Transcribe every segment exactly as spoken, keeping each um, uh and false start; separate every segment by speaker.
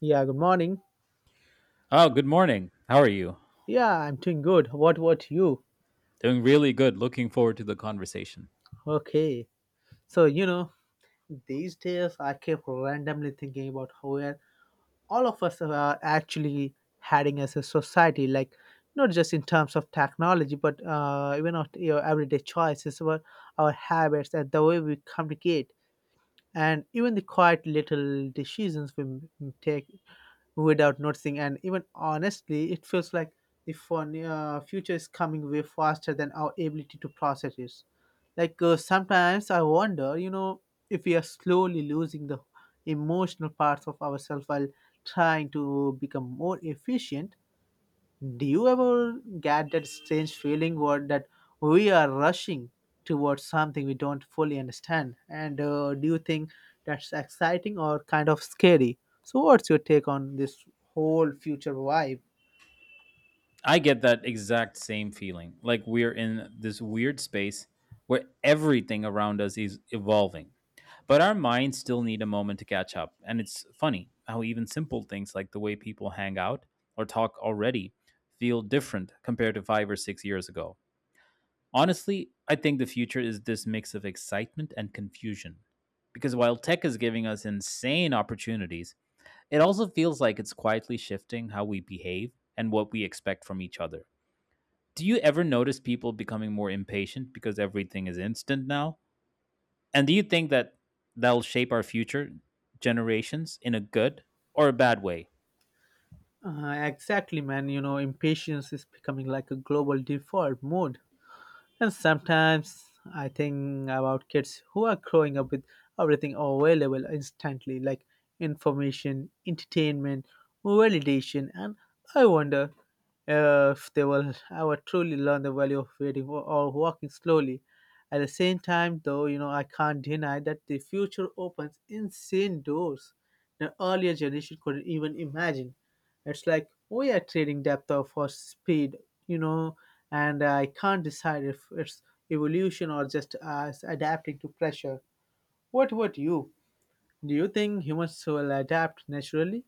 Speaker 1: Yeah, good morning.
Speaker 2: Oh, good morning. How are you?
Speaker 1: Yeah, I'm doing good. What about you?
Speaker 2: Doing really good. Looking forward to the conversation.
Speaker 1: Okay. So, you know, these days I keep randomly thinking about how we're- all of us are actually heading as a society, like not just in terms of technology, but uh, even of your everyday choices, about our habits and the way we communicate, and even the quiet little decisions we m- take without noticing. And even honestly, it feels like the fun, uh, future is coming way faster than our ability to process it. Like uh, sometimes I wonder, you know, if we are slowly losing the emotional parts of ourselves while trying to become more efficient. Do you ever get that strange feeling what that we are rushing towards something we don't fully understand? And uh, do you think that's exciting or kind of scary? So, what's your take on this whole future vibe?
Speaker 2: I get that exact same feeling. Like we're in this weird space where everything around us is evolving, but our minds still need a moment to catch up. And it's funny how even simple things like the way people hang out or talk already feel different compared to five or six years ago. Honestly, I think the future is this mix of excitement and confusion. Because while tech is giving us insane opportunities, it also feels like it's quietly shifting how we behave and what we expect from each other. Do you ever notice people becoming more impatient because everything is instant now? And do you think that that'll shape our future generations in a good or a bad way?
Speaker 1: Uh, exactly, man. You know, impatience is becoming like a global default mode. And sometimes I think about kids who are growing up with everything available instantly, like information, entertainment, validation, and I wonder uh, if they will ever truly learn the value of waiting or, or walking slowly. At the same time, though, you know, I can't deny that the future opens insane doors that earlier generation couldn't even imagine. It's like we are trading depth of- for speed, you know, and I can't decide if it's evolution or just us adapting to pressure. What about you? Do you think humans will adapt naturally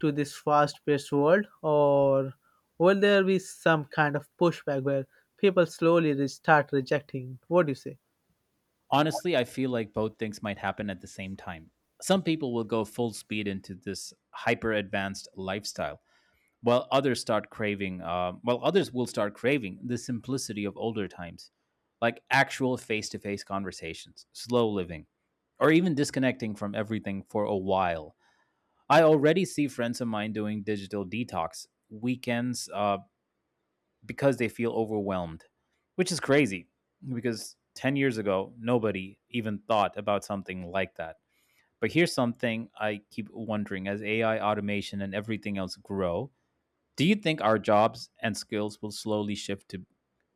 Speaker 1: to this fast paced world, or will there be some kind of pushback where people slowly re- start rejecting? What do you say?
Speaker 2: Honestly, I feel like both things might happen at the same time. Some people will go full speed into this hyper advanced lifestyle, while others start craving uh, while others will start craving the simplicity of older times, like actual face-to-face conversations, slow living, or even disconnecting from everything for a while. I already see friends of mine doing digital detox weekends, uh, because they feel overwhelmed, which is crazy because ten years ago nobody even thought about something like that. But here's something I keep wondering. As A I, automation, and everything else grow, do you think our jobs and skills will slowly shift to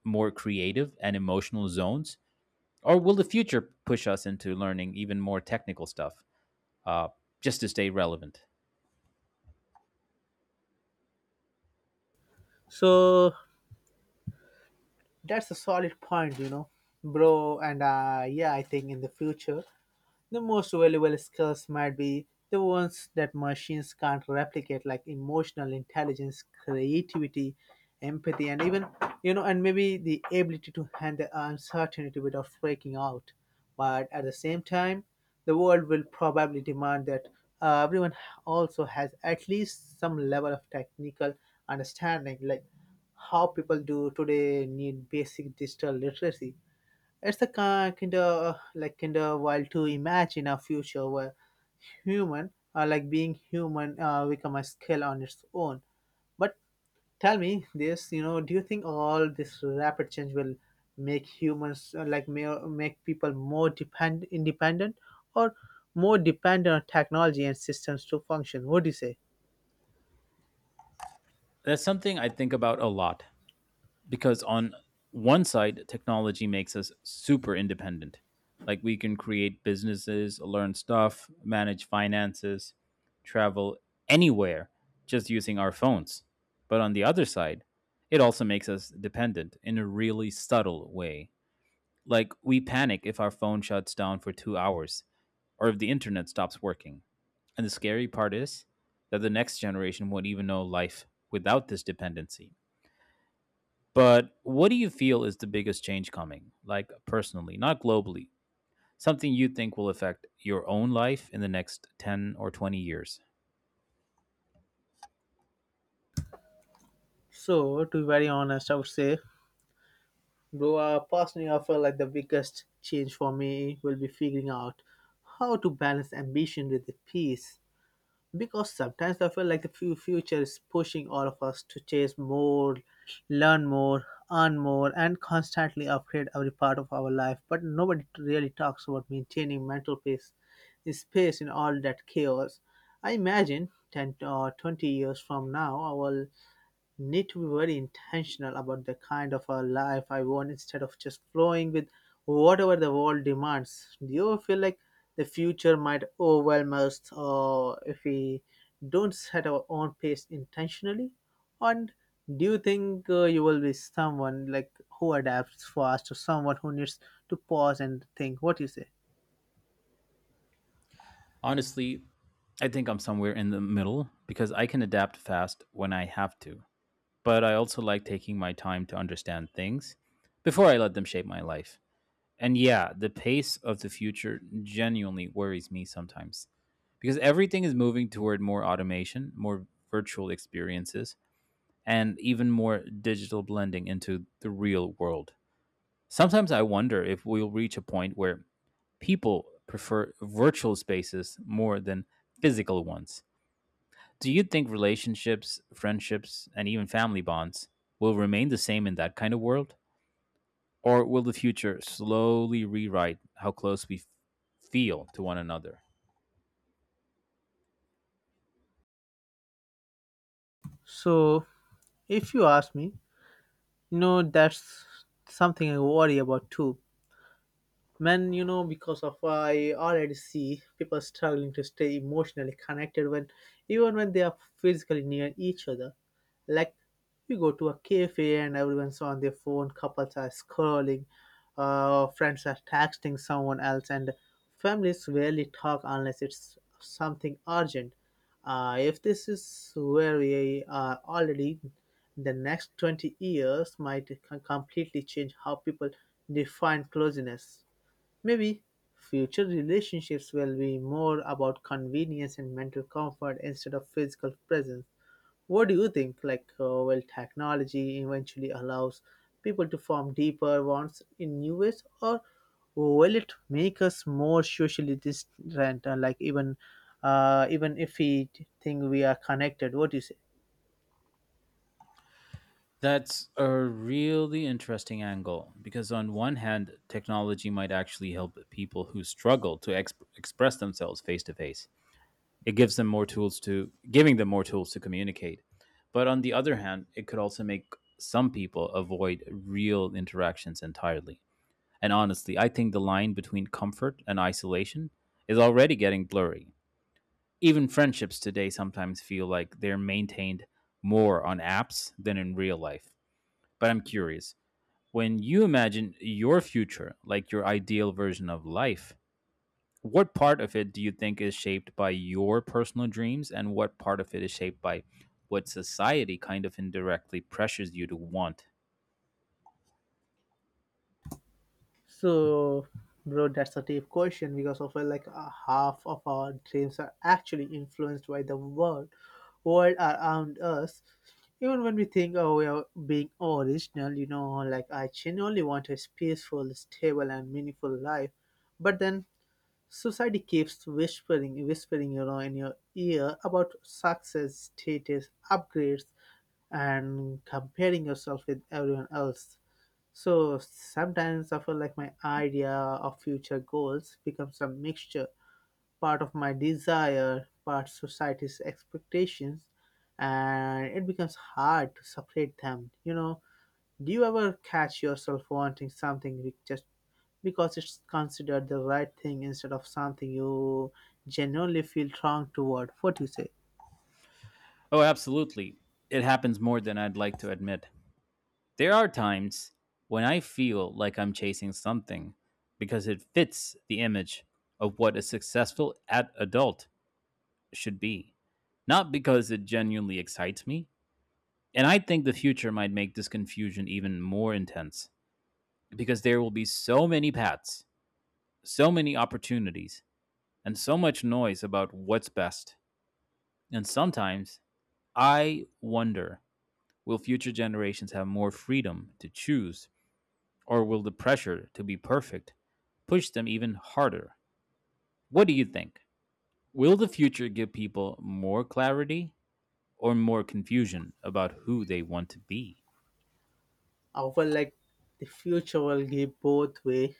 Speaker 2: more creative and emotional zones? Or will the future push us into learning even more technical stuff, uh, just to stay relevant?
Speaker 1: So, that's a solid point, you know, bro. And uh, yeah, I think in the future the most valuable skills might be the ones that machines can't replicate, like emotional intelligence, creativity, empathy, and even, you know, and maybe the ability to handle uncertainty without freaking out. But at the same time, the world will probably demand that uh, everyone also has at least some level of technical understanding, like how people do today need basic digital literacy. It's a kind of like kind of wild to imagine a future where human, uh, like being human, uh, become a skill on its own. But tell me this, you know, do you think all this rapid change will make humans uh, like ma- make people more depend independent or more dependent on technology and systems to function? What do you say?
Speaker 2: That's something I think about a lot, because on one side technology makes us super independent, like we can create businesses, learn stuff, manage finances, travel anywhere just using our phones. But on the other side, it also makes us dependent in a really subtle way. Like we panic if our phone shuts down for two hours or if the internet stops working. And the scary part is that the next generation won't even know life without this dependency. But what do you feel is the biggest change coming, like personally, not globally? Something you think will affect your own life in the next ten or twenty years?
Speaker 1: So, to be very honest, I would say, bro, uh, personally, I feel like the biggest change for me will be figuring out how to balance ambition with the peace. Because sometimes I feel like the fu- future is pushing all of us to chase more, learn more, earn more, and constantly upgrade every part of our life. But nobody really talks about maintaining mental peace, space in all that chaos. I imagine ten or twenty years from now, I will need to be very intentional about the kind of a life I want instead of just flowing with whatever the world demands. Do you feel like the future might overwhelm us or if we don't set our own pace intentionally? And do you think uh, you will be someone like who adapts fast or someone who needs to pause and think? What you say?
Speaker 2: Honestly, I think I'm somewhere in the middle, because I can adapt fast when I have to. But I also like taking my time to understand things before I let them shape my life. And yeah, the pace of the future genuinely worries me sometimes, because everything is moving toward more automation, more virtual experiences, and even more digital blending into the real world. Sometimes I wonder if we'll reach a point where people prefer virtual spaces more than physical ones. Do you think relationships, friendships, and even family bonds will remain the same in that kind of world? Or will the future slowly rewrite how close we feel to one another?
Speaker 1: So, if you ask me, you know, that's something I worry about too, men, you know, because of I already see people struggling to stay emotionally connected when, even when they are physically near each other, like you go to a cafe and everyone's on their phone, couples are scrolling, uh, friends are texting someone else, and families rarely talk unless it's something urgent. Uh, if this is where we are already, the next twenty years might c- completely change how people define closeness. Maybe future relationships will be more about convenience and mental comfort instead of physical presence. What do you think? Like, uh, will technology eventually allows people to form deeper bonds in new ways, or will it make us more socially distant? uh, Like, even, uh, even if we think we are connected, what do you say?
Speaker 2: That's a really interesting angle, because on one hand, technology might actually help people who struggle to exp- express themselves face to face. It gives them more tools to giving them more tools to communicate. But on the other hand, it could also make some people avoid real interactions entirely. And honestly, I think the line between comfort and isolation is already getting blurry. Even friendships today sometimes feel like they're maintained more on apps than in real life. But I'm curious, when you imagine your future, like your ideal version of life, what part of it do you think is shaped by your personal dreams, and what part of it is shaped by what society kind of indirectly pressures you to want?
Speaker 1: So, bro, that's a deep question because of uh, like uh, half of our dreams are actually influenced by the world, world around us. Even when we think, oh, we are being original, you know, like I genuinely want a peaceful, stable, and meaningful life, but then society keeps whispering, whispering, you know, in your ear about success, status, upgrades, and comparing yourself with everyone else. So sometimes I feel like my idea of future goals becomes a mixture, part of my desire, part society's expectations, and it becomes hard to separate them. You know, do you ever catch yourself wanting something be- just because it's considered the right thing instead of something you genuinely feel wrong toward? What do you say?
Speaker 2: Oh, absolutely. It happens more than I'd like to admit. There are times when I feel like I'm chasing something because it fits the image of what a successful ad- adult should be. Not because it genuinely excites me. And I think the future might make this confusion even more intense, because there will be so many paths, so many opportunities, and so much noise about what's best. And sometimes I wonder, will future generations have more freedom to choose, or will the pressure to be perfect push them even harder? What do you think? Will the future give people more clarity or more confusion about who they want to be?
Speaker 1: I feel like the future will give both way,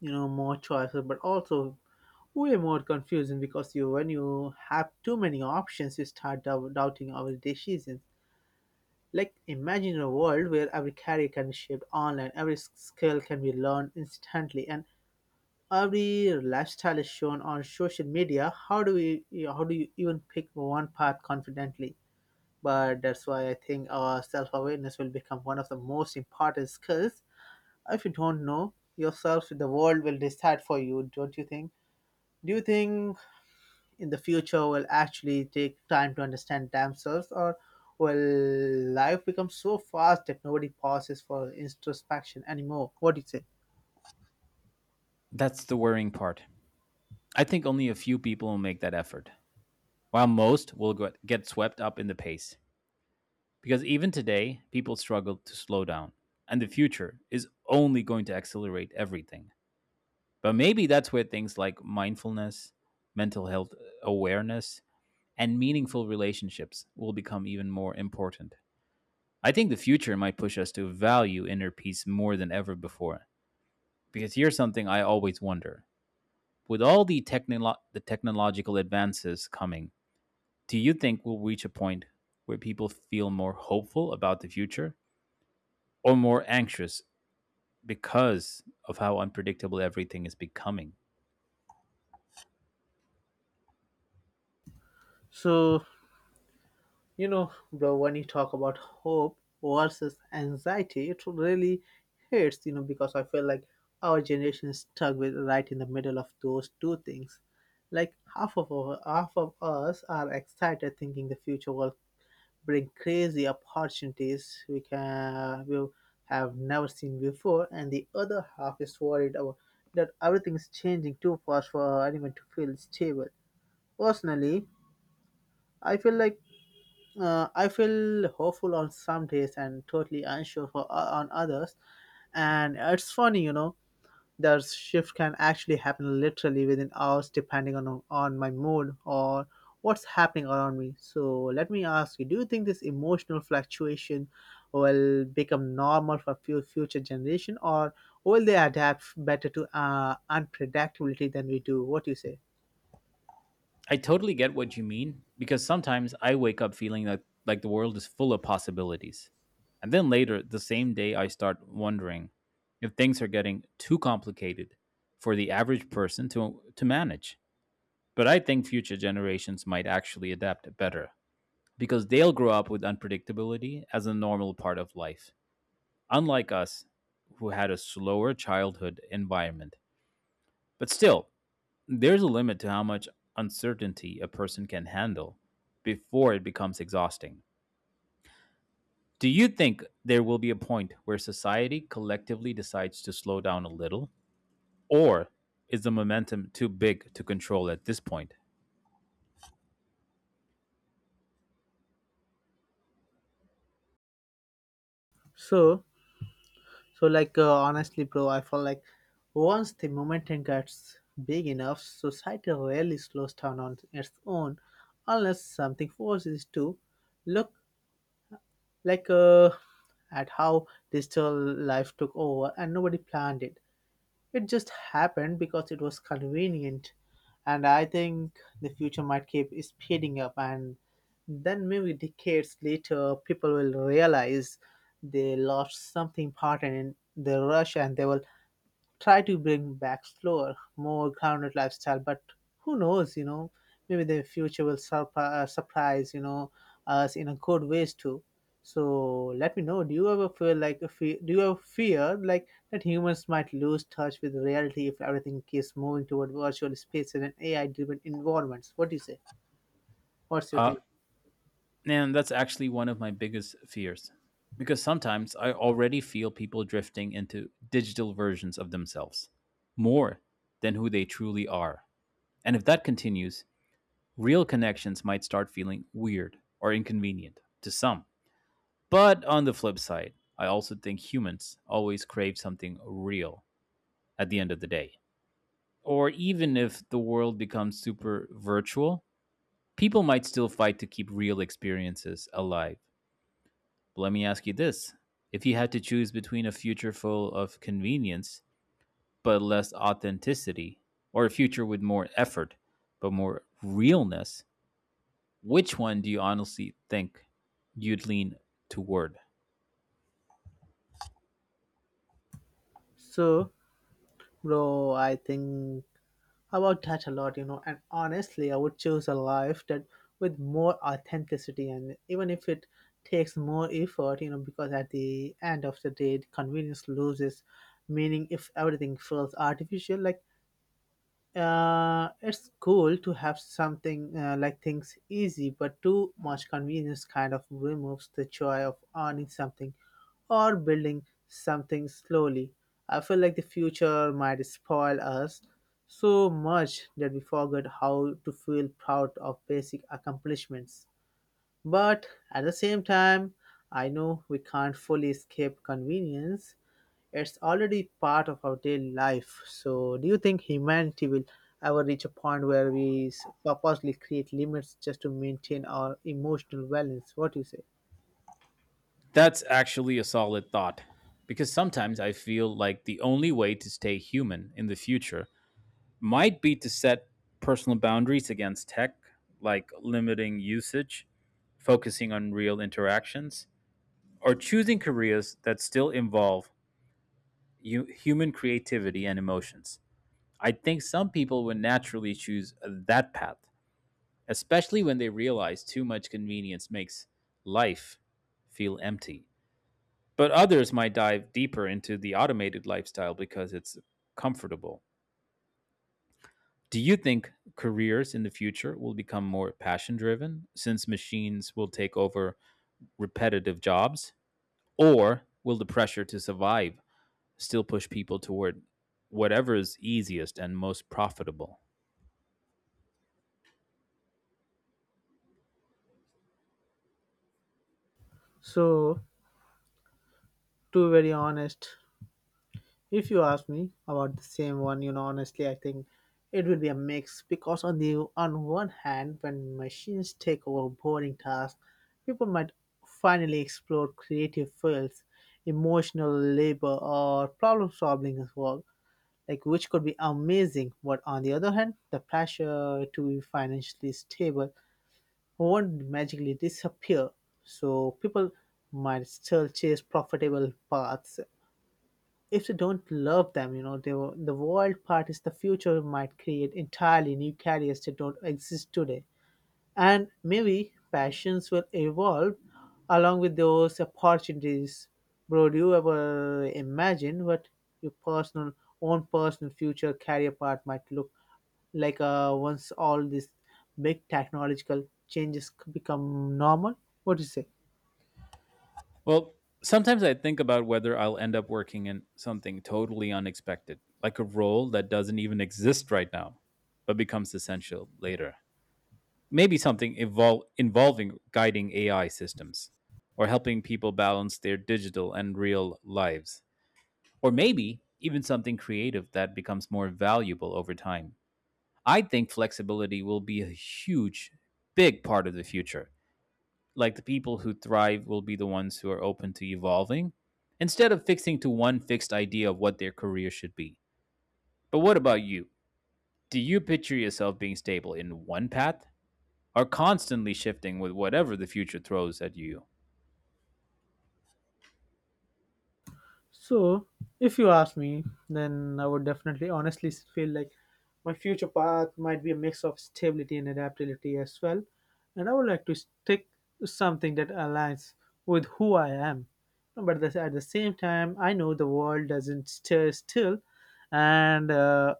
Speaker 1: you know, more choices, but also way more confusing, because you when you have too many options you start dou- doubting our decisions. Like imagine a world where every career can be shaped online, every s- skill can be learned instantly, and every lifestyle is shown on social media. How do we how do you even pick one path confidently? But that's why I think our self-awareness will become one of the most important skills. If you don't know yourself, the world will decide for you, don't you think? Do you think in the future will actually take time to understand themselves, or will life become so fast that nobody pauses for introspection anymore? What do you say?
Speaker 2: That's the worrying part. I think only a few people will make that effort, while most will get swept up in the pace. Because even today, people struggle to slow down, and the future is only going to accelerate everything. But maybe that's where things like mindfulness, mental health uh, awareness, and meaningful relationships will become even more important. I think the future might push us to value inner peace more than ever before. Because here's something I always wonder. With all the, technolo- the technological advances coming, do you think we'll reach a point where people feel more hopeful about the future or more anxious because of how unpredictable everything is becoming?
Speaker 1: So, you know, bro, when you talk about hope versus anxiety, it really hurts, you know, because I feel like our generation is stuck with right in the middle of those two things. Like half of our, half of us are excited thinking the future will bring crazy opportunities we can we have never seen before, and the other half is worried about that everything is changing too fast for anyone to feel stable. Personally, I feel like, uh, I feel hopeful on some days and totally unsure for uh, on others, and it's funny, you know, the shift can actually happen literally within hours depending on on my mood or what's happening around me. So let me ask you, do you think this emotional fluctuation will become normal for few future generation, or will they adapt better to uh, unpredictability than we do? What do you say?
Speaker 2: I totally get what you mean, because sometimes I wake up feeling that like the world is full of possibilities. And then later the same day I start wondering if things are getting too complicated for the average person to to manage. But I think future generations might actually adapt better because they'll grow up with unpredictability as a normal part of life, unlike us who had a slower childhood environment. But still, there's a limit to how much uncertainty a person can handle before it becomes exhausting. Do you think there will be a point where society collectively decides to slow down a little? Or is the momentum too big to control at this point?
Speaker 1: So, so like uh, honestly, bro, I feel like once the momentum gets big enough, society rarely slows down on its own, unless something forces it to. Look, like uh, at how digital life took over and nobody planned it. It just happened because it was convenient. And I think the future might keep speeding up, and then maybe decades later, people will realize they lost something important in the rush, and they will try to bring back slower, more grounded lifestyle. But who knows, you know, maybe the future will surp- uh, surprise, you know, us in a good ways too. So let me know. Do you ever feel like a fe- do you ever fear like that humans might lose touch with reality if everything keeps moving toward virtual spaces and A I-driven environments? What do you say? What's your
Speaker 2: Uh,
Speaker 1: take?
Speaker 2: And that's actually one of my biggest fears, because sometimes I already feel people drifting into digital versions of themselves more than who they truly are. And if that continues, real connections might start feeling weird or inconvenient to some. But on the flip side, I also think humans always crave something real at the end of the day. Or even if the world becomes super virtual, people might still fight to keep real experiences alive. But let me ask you this. If you had to choose between a future full of convenience but less authenticity, or a future with more effort but more realness, which one do you honestly think you'd lean toward?
Speaker 1: So, bro, I think about that a lot, you know, and honestly, I would choose a life that with more authenticity, and even if it takes more effort, you know, because at the end of the day, convenience loses meaning if everything feels artificial. Like, uh, it's cool to have something uh, like things easy, but too much convenience kind of removes the joy of earning something or building something slowly. I feel like the future might spoil us so much that we forget how to feel proud of basic accomplishments. But at the same time, I know we can't fully escape convenience, it's already part of our daily life. So, do you think humanity will ever reach a point where we s- purposely create limits just to maintain our emotional balance? What do you say?
Speaker 2: That's actually a solid thought, because sometimes I feel like the only way to stay human in the future might be to set personal boundaries against tech, like limiting usage, focusing on real interactions, or choosing careers that still involve, you human creativity and emotions. I think some people would naturally choose that path, especially when they realize too much convenience makes life feel empty. But others might dive deeper into the automated lifestyle because it's comfortable. Do you think careers in the future will become more passion driven since machines will take over repetitive jobs? Or will the pressure to survive still push people toward whatever is easiest and most profitable?
Speaker 1: So, to be very honest, if you ask me about the same one, you know, honestly, I think it will be a mix, because on the on one hand, when machines take over boring tasks, people might finally explore creative fields, emotional labor, or problem-solving as well, like, which could be amazing. But on the other hand, the pressure to be financially stable won't magically disappear. So people might still chase profitable paths if they don't love them. You know, they, the wild part is the future might create entirely new careers that don't exist today. And maybe passions will evolve along with those opportunities. Bro, do you ever imagine what your personal own personal future career path might look like, uh, once all these big technological changes c- become normal? What do you say?
Speaker 2: Well, sometimes I think about whether I'll end up working in something totally unexpected, like a role that doesn't even exist right now, but becomes essential later. Maybe something evol- involving guiding A I systems or helping people balance their digital and real lives. Or maybe even something creative that becomes more valuable over time. I think flexibility will be a huge, big part of the future, like the people who thrive will be the ones who are open to evolving instead of fixing to one fixed idea of what their career should be. But what about you? Do you picture yourself being stable in one path or constantly shifting with whatever the future throws at you?
Speaker 1: So, if you ask me, then I would definitely honestly feel like my future path might be a mix of stability and adaptability as well. And I would like to stick to something that aligns with who I am. But this- at the same time, I know the world doesn't stay still. And uh,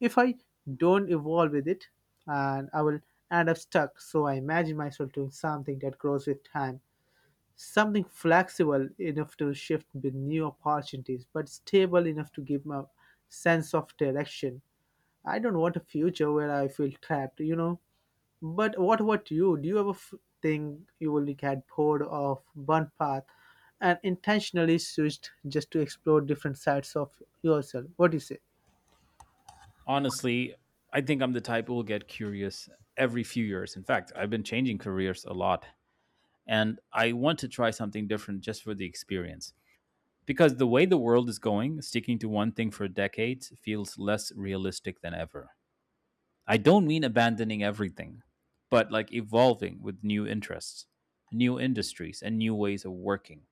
Speaker 1: if I don't evolve with it, and I will end up stuck. So I imagine myself doing something that grows with time. Something flexible enough to shift with new opportunities, but stable enough to give a sense of direction. I don't want a future where I feel trapped, you know. But what about you? Do you ever f- think you will get bored of one path and intentionally switched just to explore different sides of yourself? What do you say?
Speaker 2: Honestly, I think I'm the type who will get curious every few years. In fact, I've been changing careers a lot and I want to try something different just for the experience. Because the way the world is going, sticking to one thing for decades feels less realistic than ever. I don't mean abandoning everything, but like evolving with new interests, new industries, and new ways of working.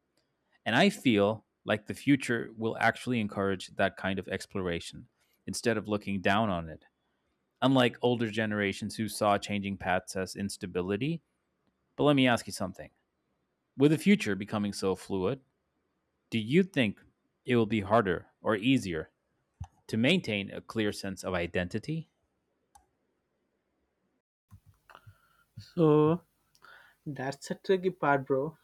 Speaker 2: And I feel like the future will actually encourage that kind of exploration instead of looking down on it, unlike older generations who saw changing paths as instability. But let me ask you something. With the future becoming so fluid, do you think it will be harder or easier to maintain a clear sense of identity?
Speaker 1: So that's a tricky part, bro,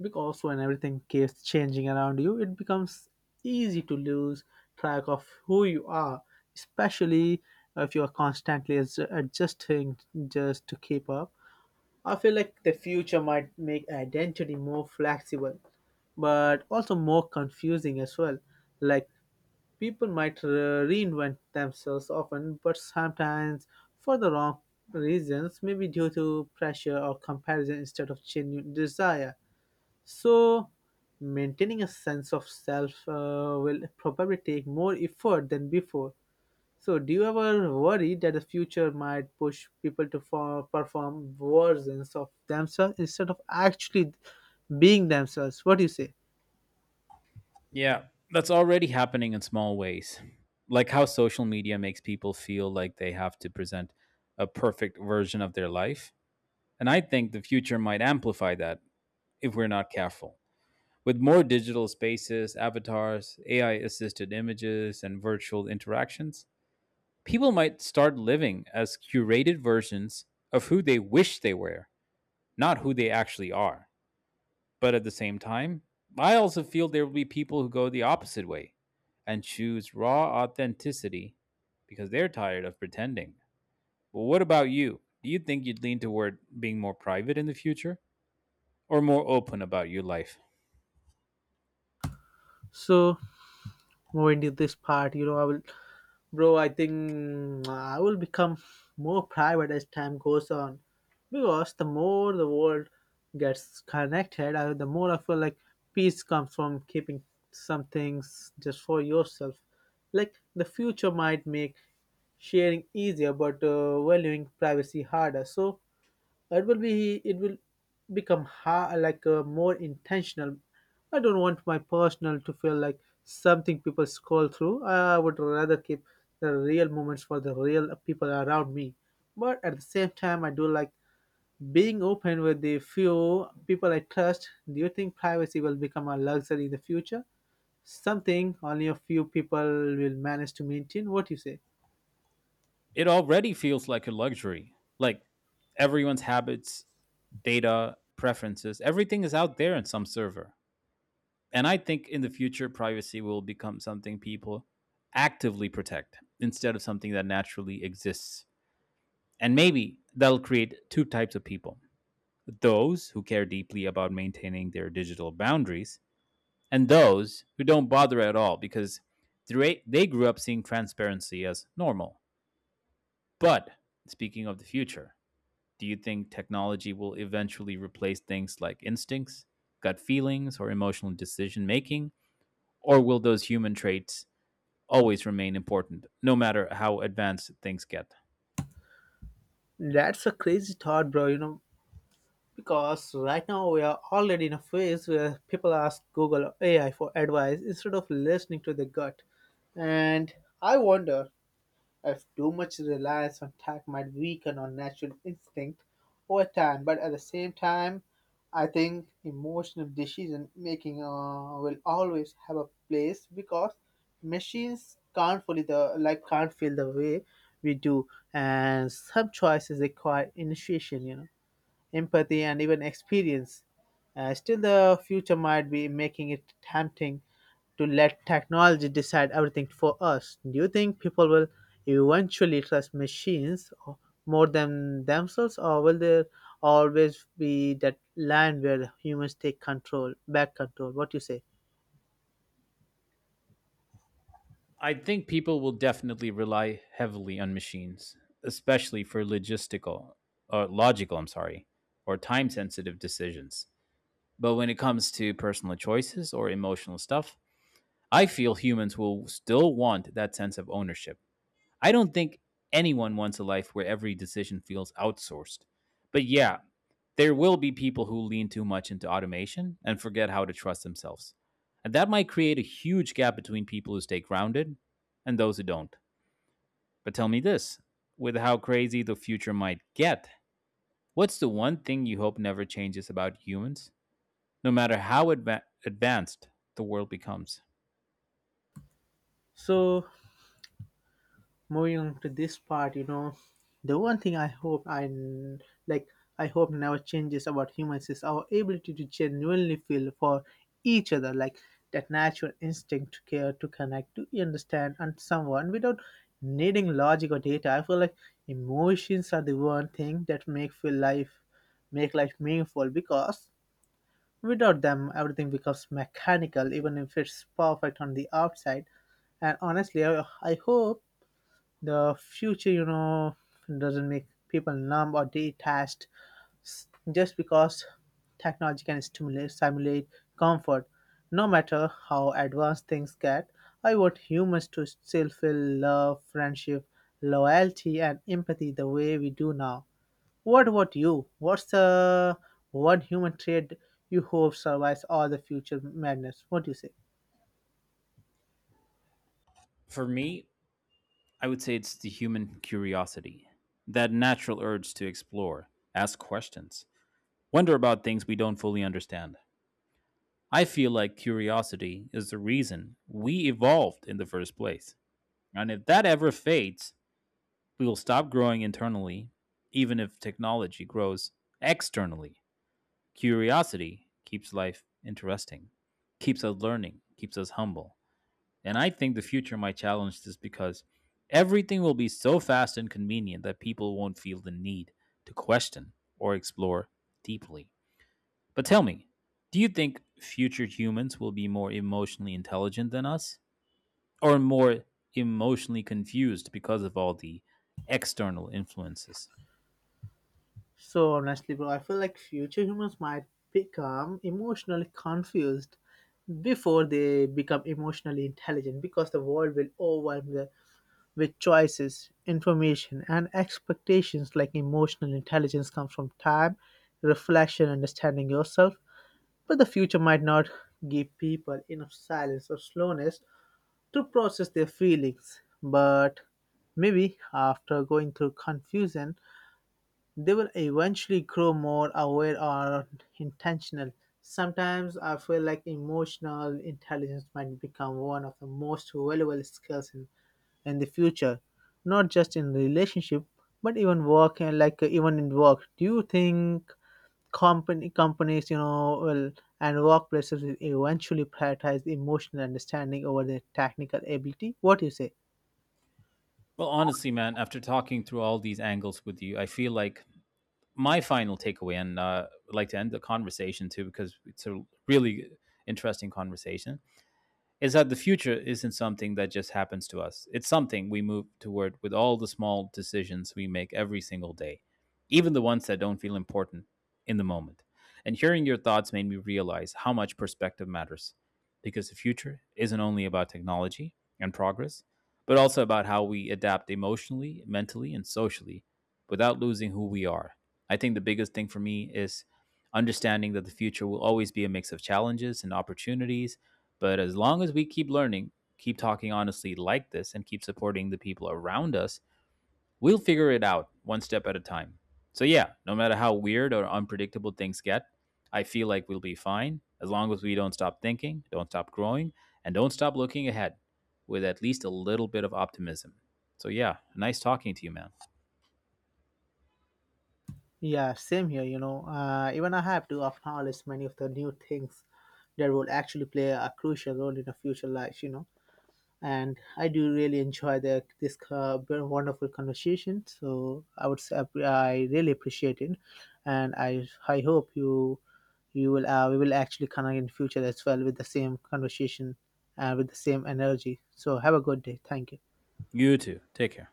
Speaker 1: because when everything keeps changing around you, it becomes easy to lose track of who you are, especially if you are constantly adj- adjusting just to keep up. I feel like the future might make identity more flexible, but also more confusing as well. Like people might re- reinvent themselves often, but sometimes for the wrong reasons, maybe due to pressure or comparison instead of genuine desire. So, maintaining a sense of self uh, will probably take more effort than before. So, do you ever worry that the future might push people to for, perform versions of themselves instead of actually being themselves? What do you say?
Speaker 2: Yeah, that's already happening in small ways. Like how social media makes people feel like they have to present a perfect version of their life. And I think the future might amplify that if we're not careful. With more digital spaces, avatars, A I assisted images, and virtual interactions, people might start living as curated versions of who they wish they were, not who they actually are. But at the same time, I also feel there will be people who go the opposite way and choose raw authenticity because they're tired of pretending. Well, what about you? Do you think you'd lean toward being more private in the future or more open about your life?
Speaker 1: So, moving to this part, you know, I will Bro, I think mm, I will become more private as time goes on, because the more the world gets connected, uh, the more I feel like peace comes from keeping some things just for yourself. Like the future might make sharing easier, but uh, valuing privacy harder. So it will be it will become ha- like uh, more intentional. I don't want my personal to feel like something people scroll through. I would rather keep the real moments for the real people around me, but at the same time I do like being open with the few people I trust. Do you think privacy will become a luxury in the future, something only a few people will manage to maintain? What do you say?
Speaker 2: It already feels like a luxury. Like everyone's habits, data, preferences, everything is out there in some server. And I think in the future, privacy will become something people actively protect instead of something that naturally exists. And maybe that'll create two types of people: those who care deeply about maintaining their digital boundaries, and those who don't bother at all because they grew up seeing transparency as normal. But speaking of the future, do you think technology will eventually replace things like instincts, gut feelings, or emotional decision making? Or will those human traits always remain important, no matter how advanced things get?
Speaker 1: That's a crazy thought, bro, you know. Because right now we are already in a phase where people ask Google or A I for advice instead of listening to the gut. And I wonder if too much reliance on tech might weaken our natural instinct over time. But at the same time, I think emotional decision making uh, will always have a place, because machines can't fully the like can't feel the way we do, and some choices require initiation. You know, empathy, and even experience. Uh, still, the future might be making it tempting to let technology decide everything for us. Do you think people will eventually trust machines o- more than themselves, or will there always be that line where humans take control, back control? What do you say?
Speaker 2: I think people will definitely rely heavily on machines, especially for logistical or logical, I'm sorry, or time sensitive decisions. But when it comes to personal choices or emotional stuff, I feel humans will still want that sense of ownership. I don't think anyone wants a life where every decision feels outsourced. But yeah, there will be people who lean too much into automation and forget how to trust themselves. And that might create a huge gap between people who stay grounded and those who don't. But tell me this, with how crazy the future might get, what's the one thing you hope never changes about humans, no matter how adva- advanced the world becomes?
Speaker 1: So, moving on to this part, you know, the one thing I hope I n- like, I hope never changes about humans is our ability to genuinely feel for each other, like that natural instinct to care, to connect, to understand, and someone without needing logic or data. I feel like emotions are the one thing that make feel life make life meaningful, because without them everything becomes mechanical even if it's perfect on the outside. And honestly, i, I hope the future, you know, doesn't make people numb or detached s- just because technology can stimulate, simulate comfort. No matter how advanced things get, I want humans to still feel love, friendship, loyalty, and empathy the way we do now. What about you? What's the one human trait you hope survives all the future madness? What do you say?
Speaker 2: For me, I would say it's the human curiosity, that natural urge to explore, ask questions, wonder about things we don't fully understand. I feel like curiosity is the reason we evolved in the first place. And if that ever fades, we will stop growing internally, even if technology grows externally. Curiosity keeps life interesting, keeps us learning, keeps us humble, and I think the future might challenge this because everything will be so fast and convenient that people won't feel the need to question or explore deeply. But tell me, do you think future humans will be more emotionally intelligent than us or more emotionally confused because of all the external influences?
Speaker 1: So honestly, bro, I feel like future humans might become emotionally confused before they become emotionally intelligent, because the world will overwhelm them with choices, information, and expectations. Like emotional intelligence comes from time, reflection, understanding yourself. But the future might not give people enough silence or slowness to process their feelings. But maybe after going through confusion, they will eventually grow more aware or intentional. Sometimes I feel like emotional intelligence might become one of the most valuable skills in, in the future, not just in relationship, but even work and like uh, even in work. Do you think company companies, you know, will and workplaces will eventually prioritize emotional understanding over their technical ability? What do you say?
Speaker 2: Well, honestly, man, after talking through all these angles with you, I feel like my final takeaway, and uh, I'd like to end the conversation too, because it's a really interesting conversation, is that the future isn't something that just happens to us. It's something we move toward with all the small decisions we make every single day, even the ones that don't feel important in the moment. And hearing your thoughts made me realize how much perspective matters because the future isn't only about technology and progress, but also about how we adapt emotionally, mentally, and socially without losing who we are. I think the biggest thing for me is understanding that the future will always be a mix of challenges and opportunities, but as long as we keep learning, keep talking honestly like this, and keep supporting the people around us, we'll figure it out one step at a time. So, yeah, no matter how weird or unpredictable things get, I feel like we'll be fine as long as we don't stop thinking, don't stop growing, and don't stop looking ahead with at least a little bit of optimism. So, yeah, nice talking to you, man.
Speaker 1: Yeah, same here, you know. Uh, even I have to acknowledge many of the new things that will actually play a crucial role in the future life, you know. And I do really enjoy the, this uh, very wonderful conversation. So I would say I I really appreciate it, and I I hope you you will, uh, we will actually connect in future as well with the same conversation and with the same energy. So have a good day. Thank you.
Speaker 2: You too. Take care.